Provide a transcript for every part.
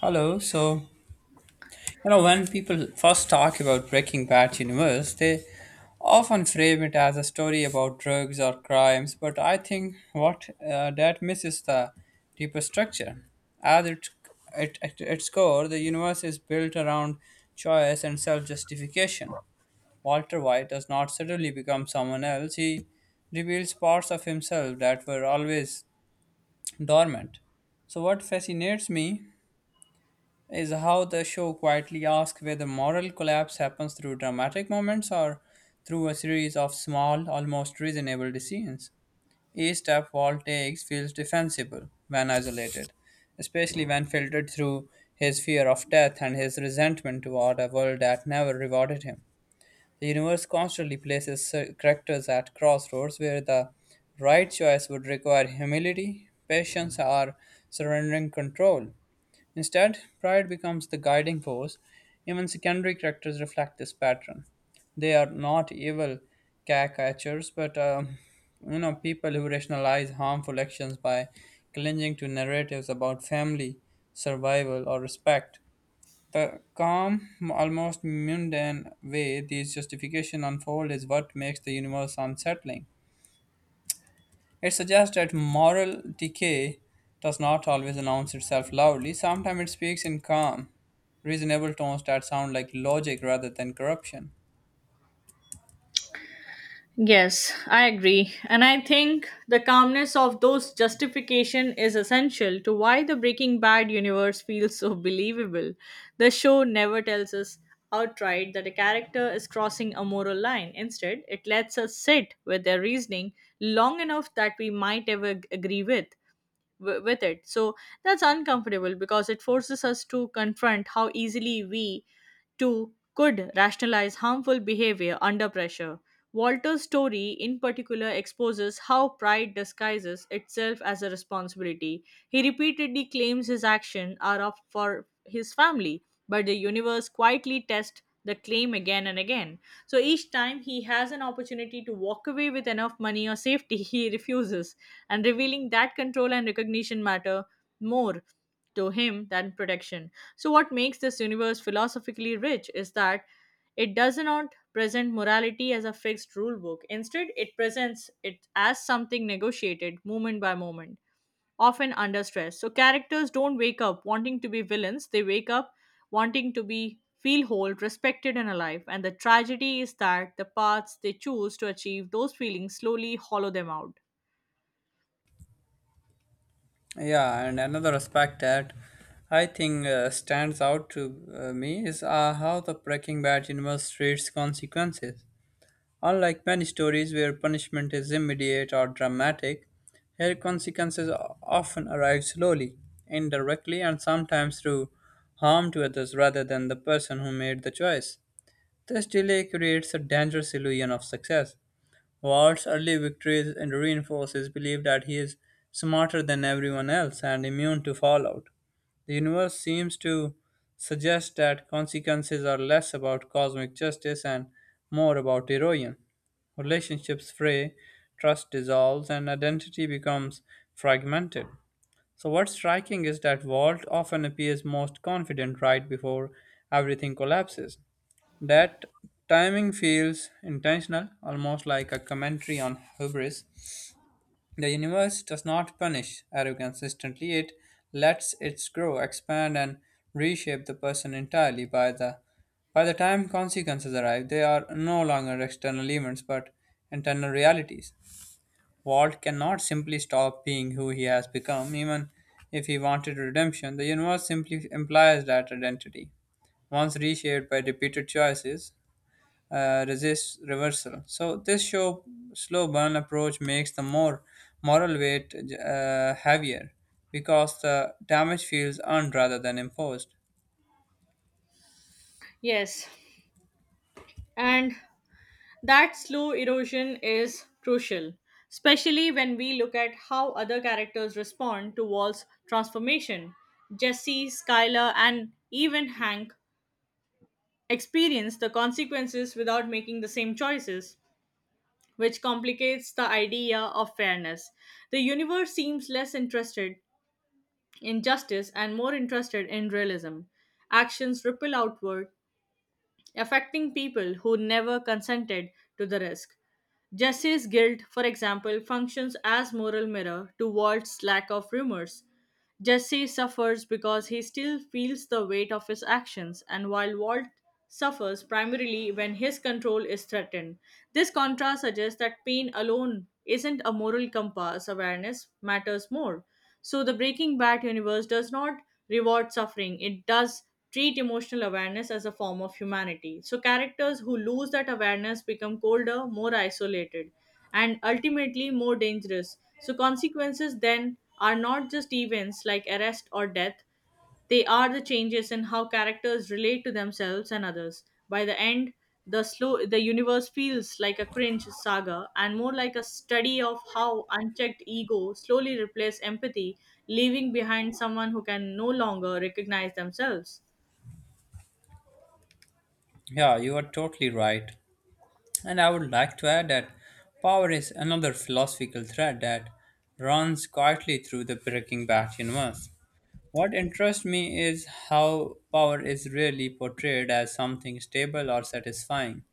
Hello. So, when people first talk about Breaking Bad universe, they often frame it as a story about drugs or crimes, but I think what that misses the deeper structure. As it, at its core, the universe is built around choice and self justification. Walter White does not suddenly become someone else, he reveals parts of himself that were always dormant. So, what fascinates me is how the show quietly asks whether moral collapse happens through dramatic moments or through a series of small, almost reasonable decisions. Each step Walt takes feels defensible when isolated, especially when filtered through his fear of death and his resentment toward a world that never rewarded him. The universe constantly places characters at crossroads where the right choice would require humility, patience, or surrendering control. Instead, pride becomes the guiding force. Even secondary characters reflect this pattern. They are not evil caricatures, but people who rationalize harmful actions by clinging to narratives about family, survival, or respect. The calm, almost mundane way these justifications unfold is what makes the universe unsettling. It suggests that moral decay does not always announce itself loudly. Sometimes it speaks in calm, reasonable tones that sound like logic rather than corruption. Yes, I agree. And I think the calmness of those justification is essential to why the Breaking Bad universe feels so believable. The show never tells us outright that a character is crossing a moral line. Instead, it lets us sit with their reasoning long enough that we might agree with it. So that's uncomfortable because it forces us to confront how easily we could rationalize harmful behavior under pressure. Walter's story, in particular, exposes how pride disguises itself as a responsibility. He repeatedly claims his actions are of for his family, but the universe quietly tests the claim again and again. So each time he has an opportunity to walk away with enough money or safety, he refuses, and revealing that control and recognition matter more to him than protection. So, what makes this universe philosophically rich is that it does not present morality as a fixed rule book. Instead, it presents it as something negotiated moment by moment, often under stress. So, characters don't wake up wanting to be villains, they wake up wanting to be feel whole, respected, and alive. And the tragedy is that the paths they choose to achieve those feelings slowly hollow them out. Yeah, and another aspect that I think stands out to me is how the Breaking Bad universe treats consequences. Unlike many stories where punishment is immediate or dramatic, here consequences often arrive slowly, indirectly, and sometimes through harm to others rather than the person who made the choice. This delay creates a dangerous illusion of success, Walt's early victories and reinforce his belief that he is smarter than everyone else and immune to fallout. The universe seems to suggest that consequences are less about cosmic justice and more about erosion. Relationships fray, trust dissolves, and identity becomes fragmented. So, what's striking is that Walt often appears most confident right before everything collapses. That timing feels intentional, almost like a commentary on hubris. The universe does not punish arrogance instantly, it lets it grow, expand, and reshape the person entirely. By the time consequences arrive, they are no longer external events but internal realities. Walt cannot simply stop being who he has become, even if he wanted redemption. The universe simply implies that identity once reshaped by repeated choices, resist reversal. So this show slow burn approach makes the more moral weight heavier because the damage feels earned rather than imposed. Yes. And that slow erosion is crucial, especially when we look at how other characters respond to Walt's transformation. Jesse, Skylar, and even Hank experience the consequences without making the same choices, which complicates the idea of fairness. The universe seems less interested in justice and more interested in realism. Actions ripple outward, affecting people who never consented to the risk. Jesse's guilt, for example, functions as moral mirror to Walt's lack of remorse. Jesse suffers because he still feels the weight of his actions, and while Walt suffers primarily when his control is threatened. This contrast suggests that pain alone isn't a moral compass, awareness matters more. So the Breaking Bad universe does not reward suffering, it does treat emotional awareness as a form of humanity. So characters who lose that awareness become colder, more isolated, and ultimately more dangerous. So consequences then are not just events like arrest or death, they are the changes in how characters relate to themselves and others. By the end, the universe feels like a cringe saga and more like a study of how unchecked ego slowly replaces empathy, leaving behind someone who can no longer recognize themselves. Yeah, you are totally right. And I would like to add that power is another philosophical thread that runs quietly through the Breaking Bad universe. What interests me is how power is rarely portrayed as something stable or satisfying.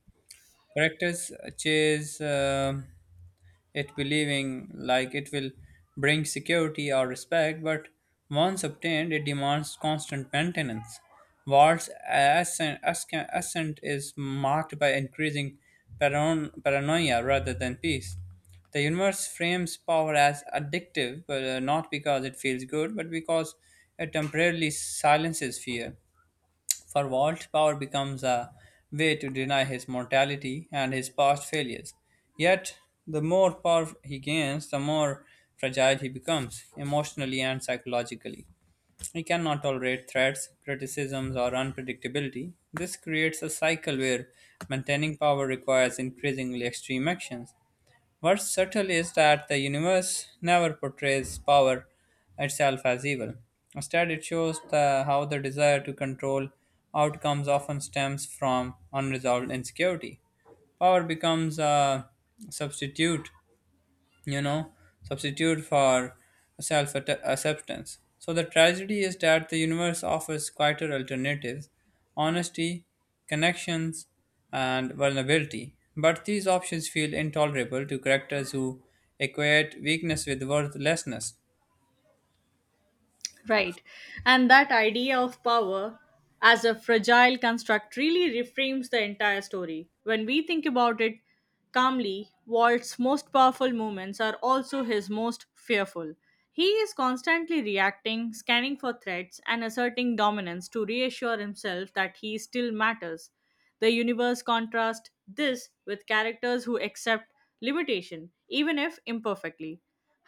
Characters chase it, believing like it will bring security or respect, but once obtained, it demands constant maintenance. Walt's ascent is marked by increasing paranoia rather than peace. The universe frames power as addictive, but not because it feels good, but because it temporarily silences fear. For Walt, power becomes a way to deny his mortality and his past failures. Yet, the more power he gains, the more fragile he becomes, emotionally and psychologically. He cannot tolerate threats, criticisms, or unpredictability. This creates a cycle where maintaining power requires increasingly extreme actions. What's subtle is that the universe never portrays power itself as evil. Instead, it shows how the desire to control outcomes often stems from unresolved insecurity. Power becomes a substitute you know, substitute for self acceptance. So the tragedy is that the universe offers quieter alternatives: honesty, connections, and vulnerability. But these options feel intolerable to characters who equate weakness with worthlessness. Right. And that idea of power as a fragile construct really reframes the entire story. When we think about it calmly, Walt's most powerful moments are also his most fearful. He is constantly reacting, scanning for threats, and asserting dominance to reassure himself that he still matters. The universe contrasts this with characters who accept limitation, even if imperfectly.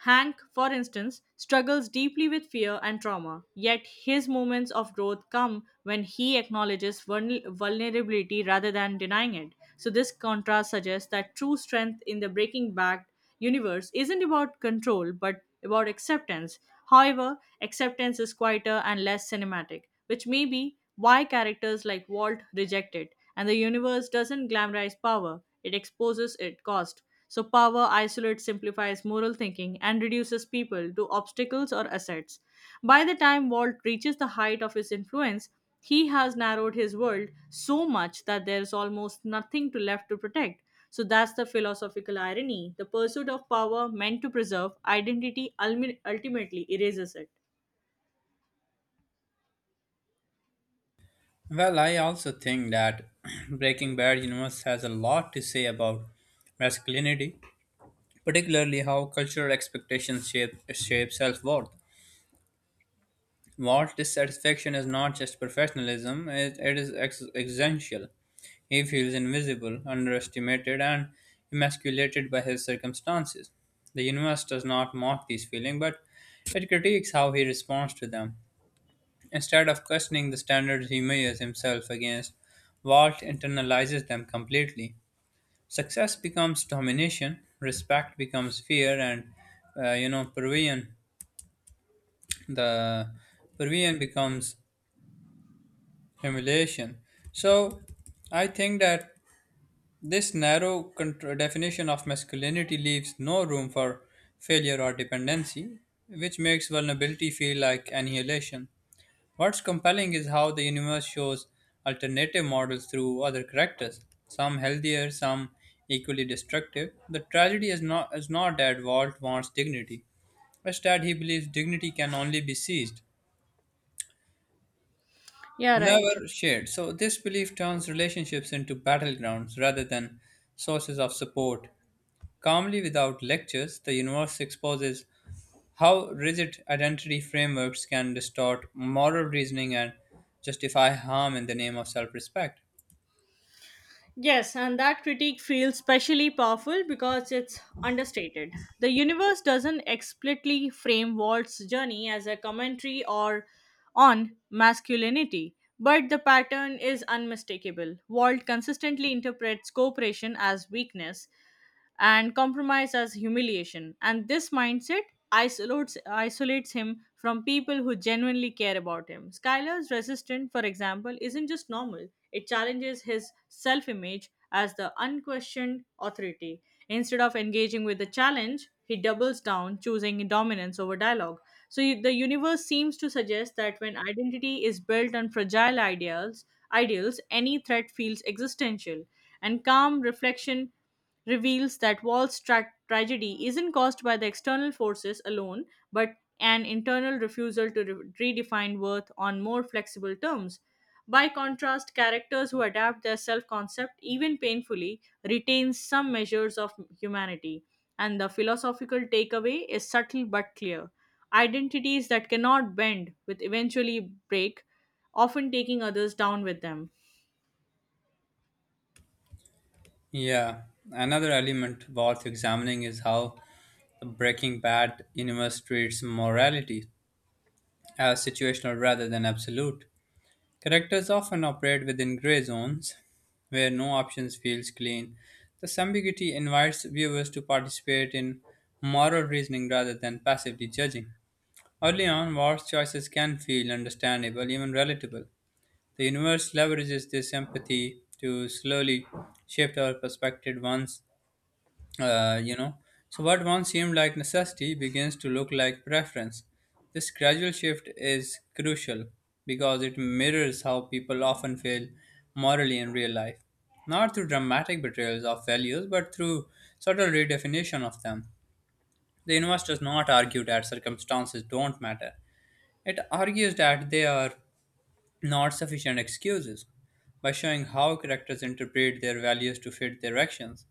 Hank, for instance, struggles deeply with fear and trauma, yet his moments of growth come when he acknowledges vulnerability rather than denying it. So, this contrast suggests that true strength in the Breaking Bad universe isn't about control but about acceptance. However, acceptance is quieter and less cinematic, which may be why characters like Walt reject it, and the universe doesn't glamorize power, it exposes its cost. So, power isolates, simplifies moral thinking, and reduces people to obstacles or assets. By the time Walt reaches the height of his influence, he has narrowed his world so much that there is almost nothing to left to protect. So that's the philosophical irony. The pursuit of power meant to preserve identity ultimately erases it. Well, I also think that Breaking Bad universe has a lot to say about masculinity, particularly how cultural expectations shape self worth. Walt's dissatisfaction is not just professionalism, it is existential. He feels invisible, underestimated, and emasculated by his circumstances. The universe does not mock these feelings, but it critiques how he responds to them. Instead of questioning the standards he measures himself against, Walt internalizes them completely. Success becomes domination, respect becomes fear, and uh, you know, Peruvian, the Peruvian becomes humiliation. So, I think that this narrow contr definition of masculinity leaves no room for failure or dependency, which makes vulnerability feel like annihilation. What's compelling is how the universe shows alternative models through other characters, some healthier, some equally destructive. The tragedy is not that Walt wants dignity, it's that he believes dignity can only be seized Yeah, right. never shared. So, this belief turns relationships into battlegrounds rather than sources of support. Calmly, without lectures, the universe exposes how rigid identity frameworks can distort moral reasoning and justify harm in the name of self respect. Yes, and that critique feels especially powerful because it's understated. The universe doesn't explicitly frame Walt's journey as a commentary or on masculinity, but the pattern is unmistakable. Walt consistently interprets cooperation as weakness, and compromise as humiliation. And this mindset isolates him from people who genuinely care about him. Skylar's resistance, for example, isn't just normal, it challenges his self image as the unquestioned authority. Instead of engaging with the challenge, he doubles down, choosing dominance over dialogue. So the universe seems to suggest that when identity is built on fragile ideals, any threat feels existential, and calm reflection reveals that Wall's tragedy isn't caused by the external forces alone, but an internal refusal to redefine worth on more flexible terms. By contrast, characters who adapt their self concept, even painfully, retain some measures of humanity. And the philosophical takeaway is subtle but clear. Identities that cannot bend, with eventually break, often taking others down with them. Yeah, another element worth examining is how the Breaking Bad universe treats morality as situational rather than absolute. Characters often operate within grey zones where no options feels clean. This ambiguity invites viewers to participate in moral reasoning rather than passively judging. Early on, War's choices can feel understandable, even relatable. The universe leverages this empathy to slowly shift our perspective uh, you know, so what once seemed like necessity begins to look like preference. This gradual shift is crucial because it mirrors how people often fail morally in real life, not through dramatic betrayals of values, but through subtle redefinition of them. The universe does not argue that circumstances don't matter. It argues that they are not sufficient excuses. By showing how characters interpret their values to fit their actions,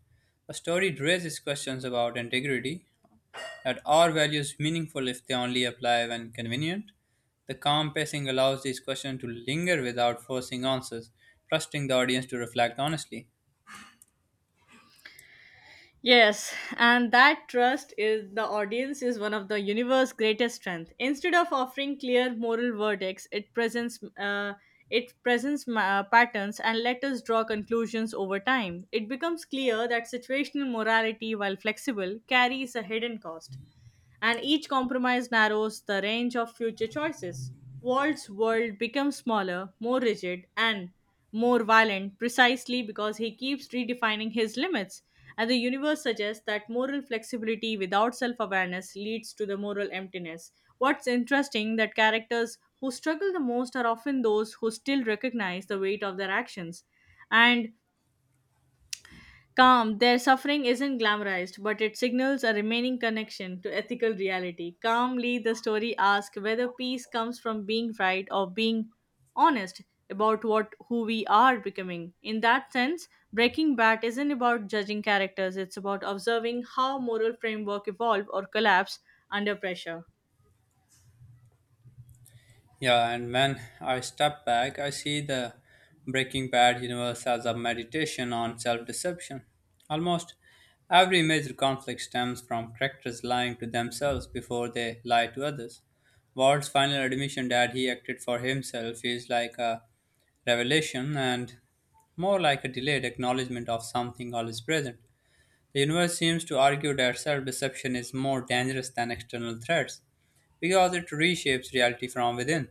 a story raises questions about integrity, that are values meaningful if they only apply when convenient. The calm pacing allows these questions to linger without forcing answers, trusting the audience to reflect honestly. Yes, and that trust is the audience is one of the universe's greatest strength. Instead of offering clear moral verdicts, it presents patterns and let us draw conclusions over time. It becomes clear that situational morality, while flexible, carries a hidden cost and each compromise narrows the range of future choices. Walt's world becomes smaller, more rigid, and more violent precisely because he keeps redefining his limits. And the universe suggests that moral flexibility without self awareness leads to the moral emptiness. What's interesting that characters who struggle the most are often those who still recognize the weight of their actions and their suffering isn't glamorized, but it signals a remaining connection to ethical reality. Calmly, the story asks whether peace comes from being right or being honest about what who we are becoming. In that sense, Breaking Bad isn't about judging characters, it's about observing how moral framework evolve or collapse under pressure. Yeah, and when I step back, I see the Breaking Bad universe as a meditation on self deception. Almost every major conflict stems from characters lying to themselves before they lie to others. Walt's final admission that he acted for himself is like a revelation and more like a delayed acknowledgement of something always present. The universe seems to argue that self deception is more dangerous than external threats because it reshapes reality from within.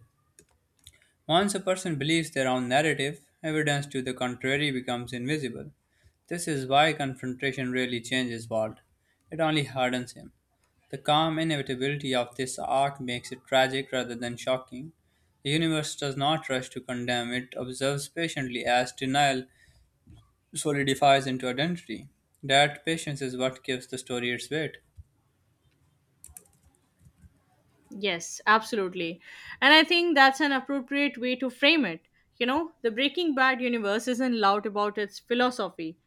Once a person believes their own narrative, evidence to the contrary becomes invisible. This is why confrontation rarely changes Walt. It only hardens him. The calm inevitability of this arc makes it tragic rather than shocking. The universe does not rush to condemn, it observes patiently as denial solidifies into identity. That patience is what gives the story its weight. Yes, absolutely. And I think that's an appropriate way to frame it. You know, the Breaking Bad universe isn't loud about its philosophy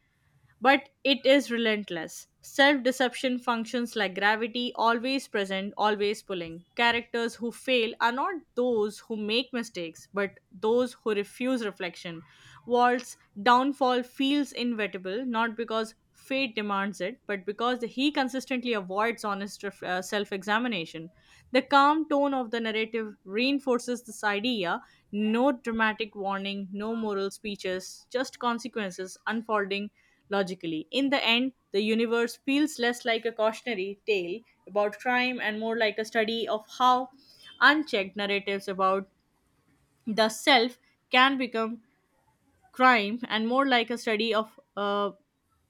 but it is relentless. Self deception functions like gravity, always present, always pulling. Characters who fail are not those who make mistakes, but those who refuse reflection. Walt's downfall feels inevitable, not because fate demands it, but because he consistently avoids honest self examination. The calm tone of the narrative reinforces this idea no dramatic warning, no moral speeches, just consequences unfolding logically. In the end, the universe feels less like a cautionary tale about crime and more like a study of how unchecked narratives about the self can become crime and more like a study of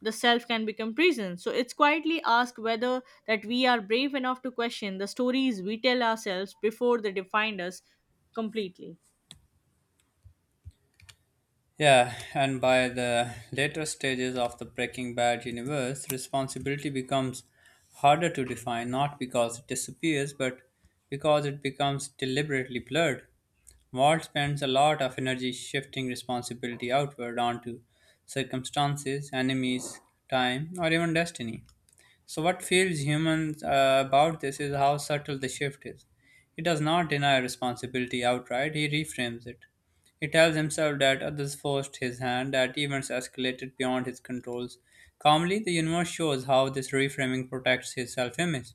the self can become prison. So it's quietly asked whether that we are brave enough to question the stories we tell ourselves before they define us completely. Yeah, and by the later stages of the Breaking Bad universe, responsibility becomes harder to define not because it disappears, but because it becomes deliberately blurred. Walt spends a lot of energy shifting responsibility outward onto circumstances, enemies, time, or even destiny. So, what feels human about this is how subtle the shift is. He does not deny responsibility outright, he reframes it. He tells himself that others forced his hand, that events escalated beyond his controls. Calmly, the universe shows how this reframing protects his self image.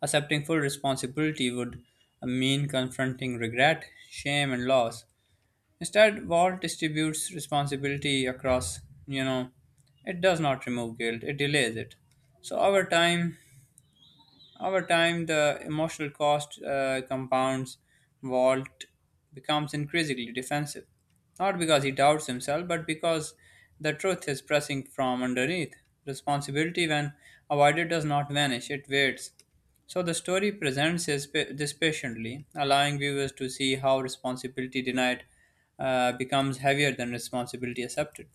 Accepting full responsibility would mean confronting regret, shame, and loss. Instead, Walt distributes responsibility across, you know, it does not remove guilt, it delays it. So over time, the emotional cost compounds. Walt becomes increasingly defensive, not because he doubts himself, but because the truth is pressing from underneath. Responsibility, when avoided, does not vanish, it waits. So the story presents this patiently, allowing viewers to see how responsibility denied becomes heavier than responsibility accepted.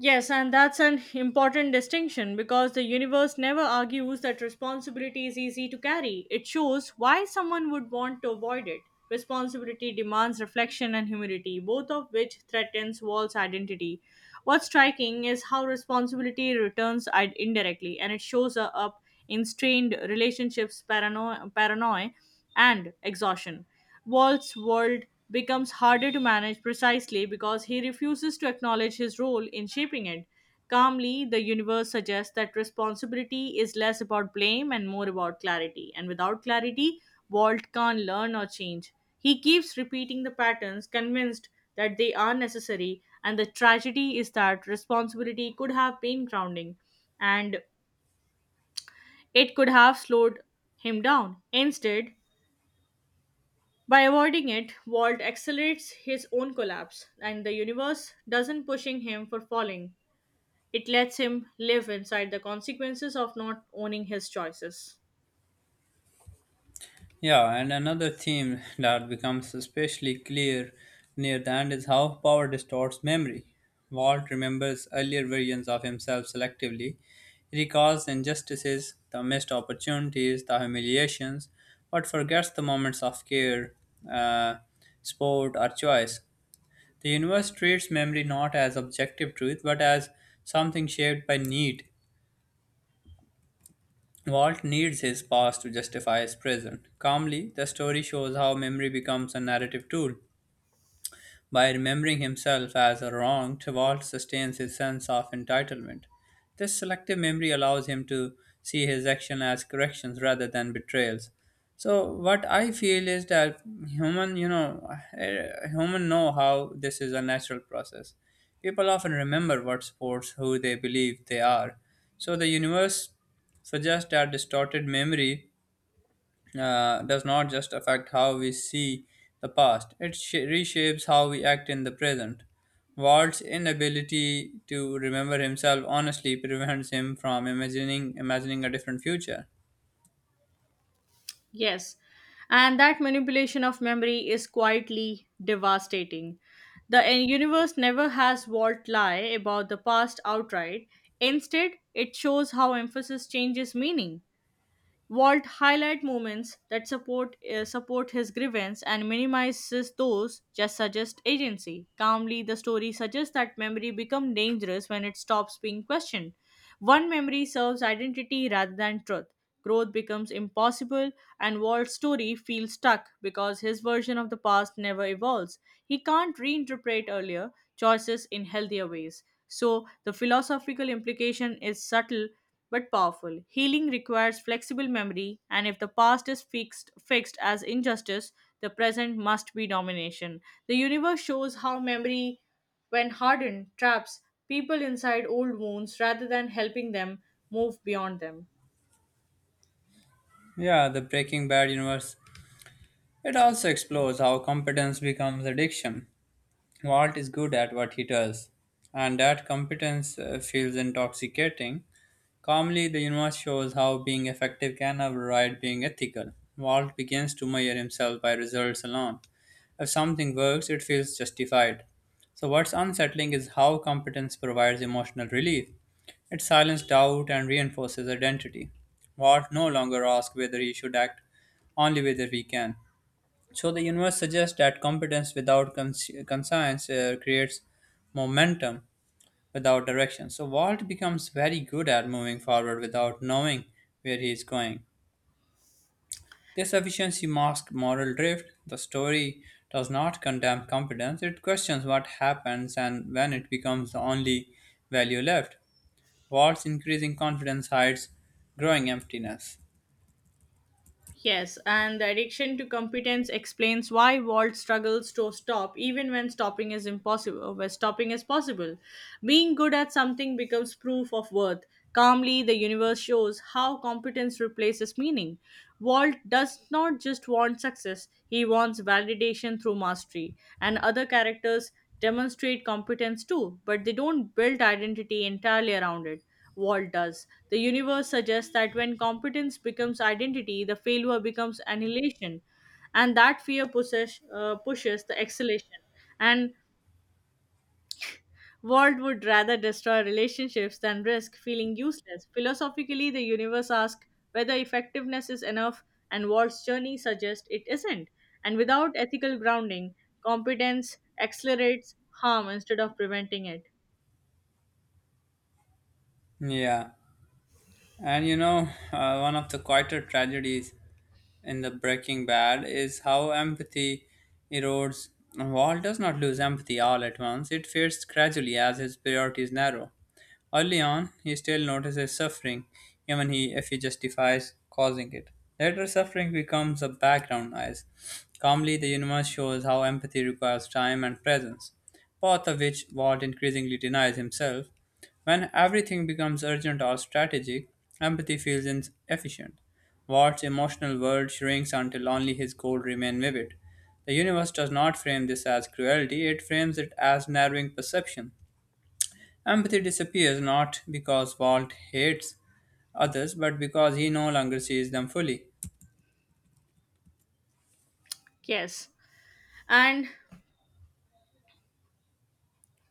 Yes, and that's an important distinction because the universe never argues that responsibility is easy to carry. It shows why someone would want to avoid it. Responsibility demands reflection and humility, both of which threatens Wall's identity. What's striking is how responsibility returns indirectly, and it shows up in strained relationships, paranoia, and exhaustion. Walt's world becomes harder to manage precisely because he refuses to acknowledge his role in shaping it. Calmly, the universe suggests that responsibility is less about blame and more about clarity, and without clarity, Walt can't learn or change. He keeps repeating the patterns, convinced that they are necessary, and the tragedy is that responsibility could have been grounding and it could have slowed him down. Instead, by avoiding it, Walt accelerates his own collapse, and the universe doesn't pushing him for falling. It lets him live inside the consequences of not owning his choices. Yeah, and another theme that becomes especially clear near the end is how power distorts memory. Walt remembers earlier versions of himself selectively. He recalls the injustices, the missed opportunities, the humiliations, but forgets the moments of care, uh, sport, or choice. The universe treats memory not as objective truth but as something shaped by need, Walt needs his past to justify his present. Calmly, the story shows how memory becomes a narrative tool. By remembering himself as wronged, Walt sustains his sense of entitlement. This selective memory allows him to see his action as corrections rather than betrayals. So what I feel is that human, you know, human know how this is a natural process. People often remember what supports who they believe they are. So the universe suggests that distorted memory does not just affect how we see the past, it reshapes how we act in the present. Walt's inability to remember himself honestly prevents him from imagining a different future. Yes, and that manipulation of memory is quietly devastating. The universe never has Walt lie about the past outright. Instead, it shows how emphasis changes meaning. Walt highlight moments that support support his grievance and minimizes those just suggest agency. Calmly, the story suggests that memory becomes dangerous when it stops being questioned. One memory serves identity rather than truth. Growth becomes impossible, and Walt's story feels stuck because his version of the past never evolves. He can't reinterpret earlier choices in healthier ways. So, the philosophical implication is subtle but powerful. Healing requires flexible memory, and if the past is fixed as injustice, the present must be domination. The universe shows how memory when hardened, traps people inside old wounds rather than helping them move beyond them. Yeah, the Breaking Bad universe. It also explores how competence becomes addiction. Walt is good at what he does, and that competence feels intoxicating. Calmly, the universe shows how being effective can override being ethical. Walt begins to measure himself by results alone. If something works, it feels justified. So, what's unsettling is how competence provides emotional relief. It silences doubt and reinforces identity. Walt no longer asks whether he should act, only whether he can. So, the universe suggests that competence without conscience creates momentum without direction. So Walt becomes very good at moving forward without knowing where he is going. This efficiency masks moral drift. The story does not condemn competence, it questions what happens and when it becomes the only value left. Walt's increasing confidence hides growing emptiness. Yes, and the addiction to competence explains why Walt struggles to stop even when stopping is possible. Being good at something becomes proof of worth. Calmly, the universe shows how competence replaces meaning. Walt does not just want success, he wants validation through mastery. And other characters demonstrate competence too, but they don't build identity entirely around it. Walt does. The universe suggests that when competence becomes identity, the failure becomes annihilation, and that fear pushes the exhalation. And Walt would rather destroy relationships than risk feeling useless. Philosophically, the universe asks whether effectiveness is enough, and Walt's journey suggests it isn't. And without ethical grounding, competence accelerates harm instead of preventing it. Yeah, and one of the quieter tragedies in the Breaking Bad is how empathy erodes. Walt does not lose empathy all at once, it fades gradually as his priorities narrow. Early on, he still notices suffering, if he justifies causing it. Later, suffering becomes a background noise. Calmly, the universe shows how empathy requires time and presence, both of which Walt increasingly denies himself. When everything becomes urgent or strategic, empathy feels inefficient. Watt's emotional world shrinks until only his goals remain vivid. The universe does not frame this as cruelty, it frames it as narrowing perception. Empathy disappears not because Walt hates others, but because he no longer sees them fully. Yes. And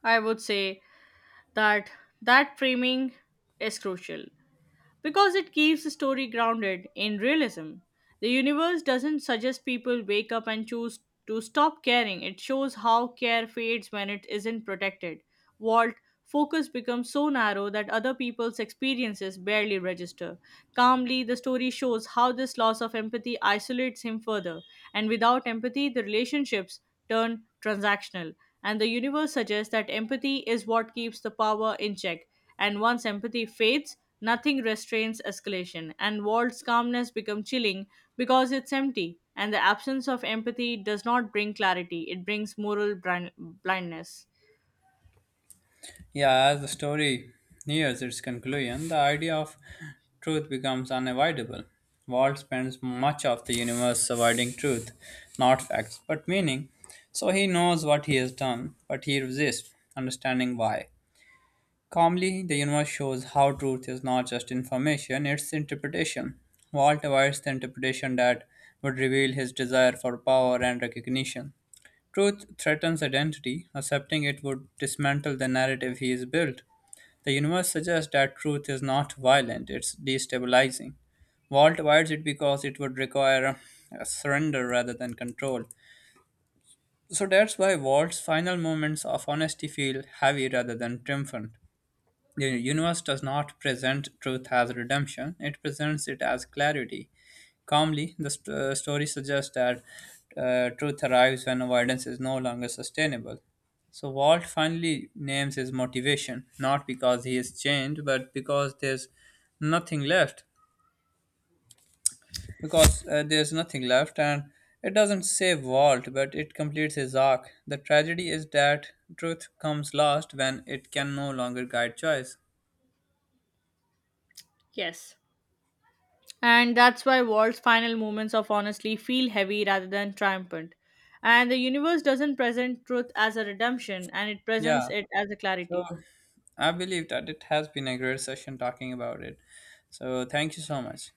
I would say that that framing is crucial because it keeps the story grounded in realism. The universe doesn't suggest people wake up and choose to stop caring. It shows how care fades when it isn't protected. Walt focus becomes so narrow that other people's experiences barely register. Calmly, the story shows how this loss of empathy isolates him further, and without empathy the relationships turn transactional. And the universe suggests that empathy is what keeps the power in check. And once empathy fades, nothing restrains escalation. And Walt's calmness becomes chilling because it's empty. And the absence of empathy does not bring clarity, it brings moral blindness. Yeah, as the story nears its conclusion, the idea of truth becomes unavoidable. Walt spends much of the universe avoiding truth, not facts, but meaning. So he knows what he has done, but he resists understanding why. Calmly, the universe shows how truth is not just information, it's interpretation. Walt avoids the interpretation that would reveal his desire for power and recognition. Truth threatens identity, accepting it would dismantle the narrative he has built. The universe suggests that truth is not violent, it's destabilizing. Walt avoids it because it would require a surrender rather than control. So that's why Walt's final moments of honesty feel heavy rather than triumphant. The universe does not present truth as redemption, it presents it as clarity. Calmly, the story suggests that truth arrives when avoidance is no longer sustainable. So, Walt finally names his motivation, not because he is changed, but because there's nothing left. Because there's nothing left, and it doesn't save Walt, but it completes his arc. The tragedy is that truth comes last when it can no longer guide choice. Yes. And that's why Walt's final moments of honestly feel heavy rather than triumphant. And the universe doesn't present truth as a redemption, and it presents Yeah. it as a So clarity. I believe that it has been a great session talking about it. So thank you so much.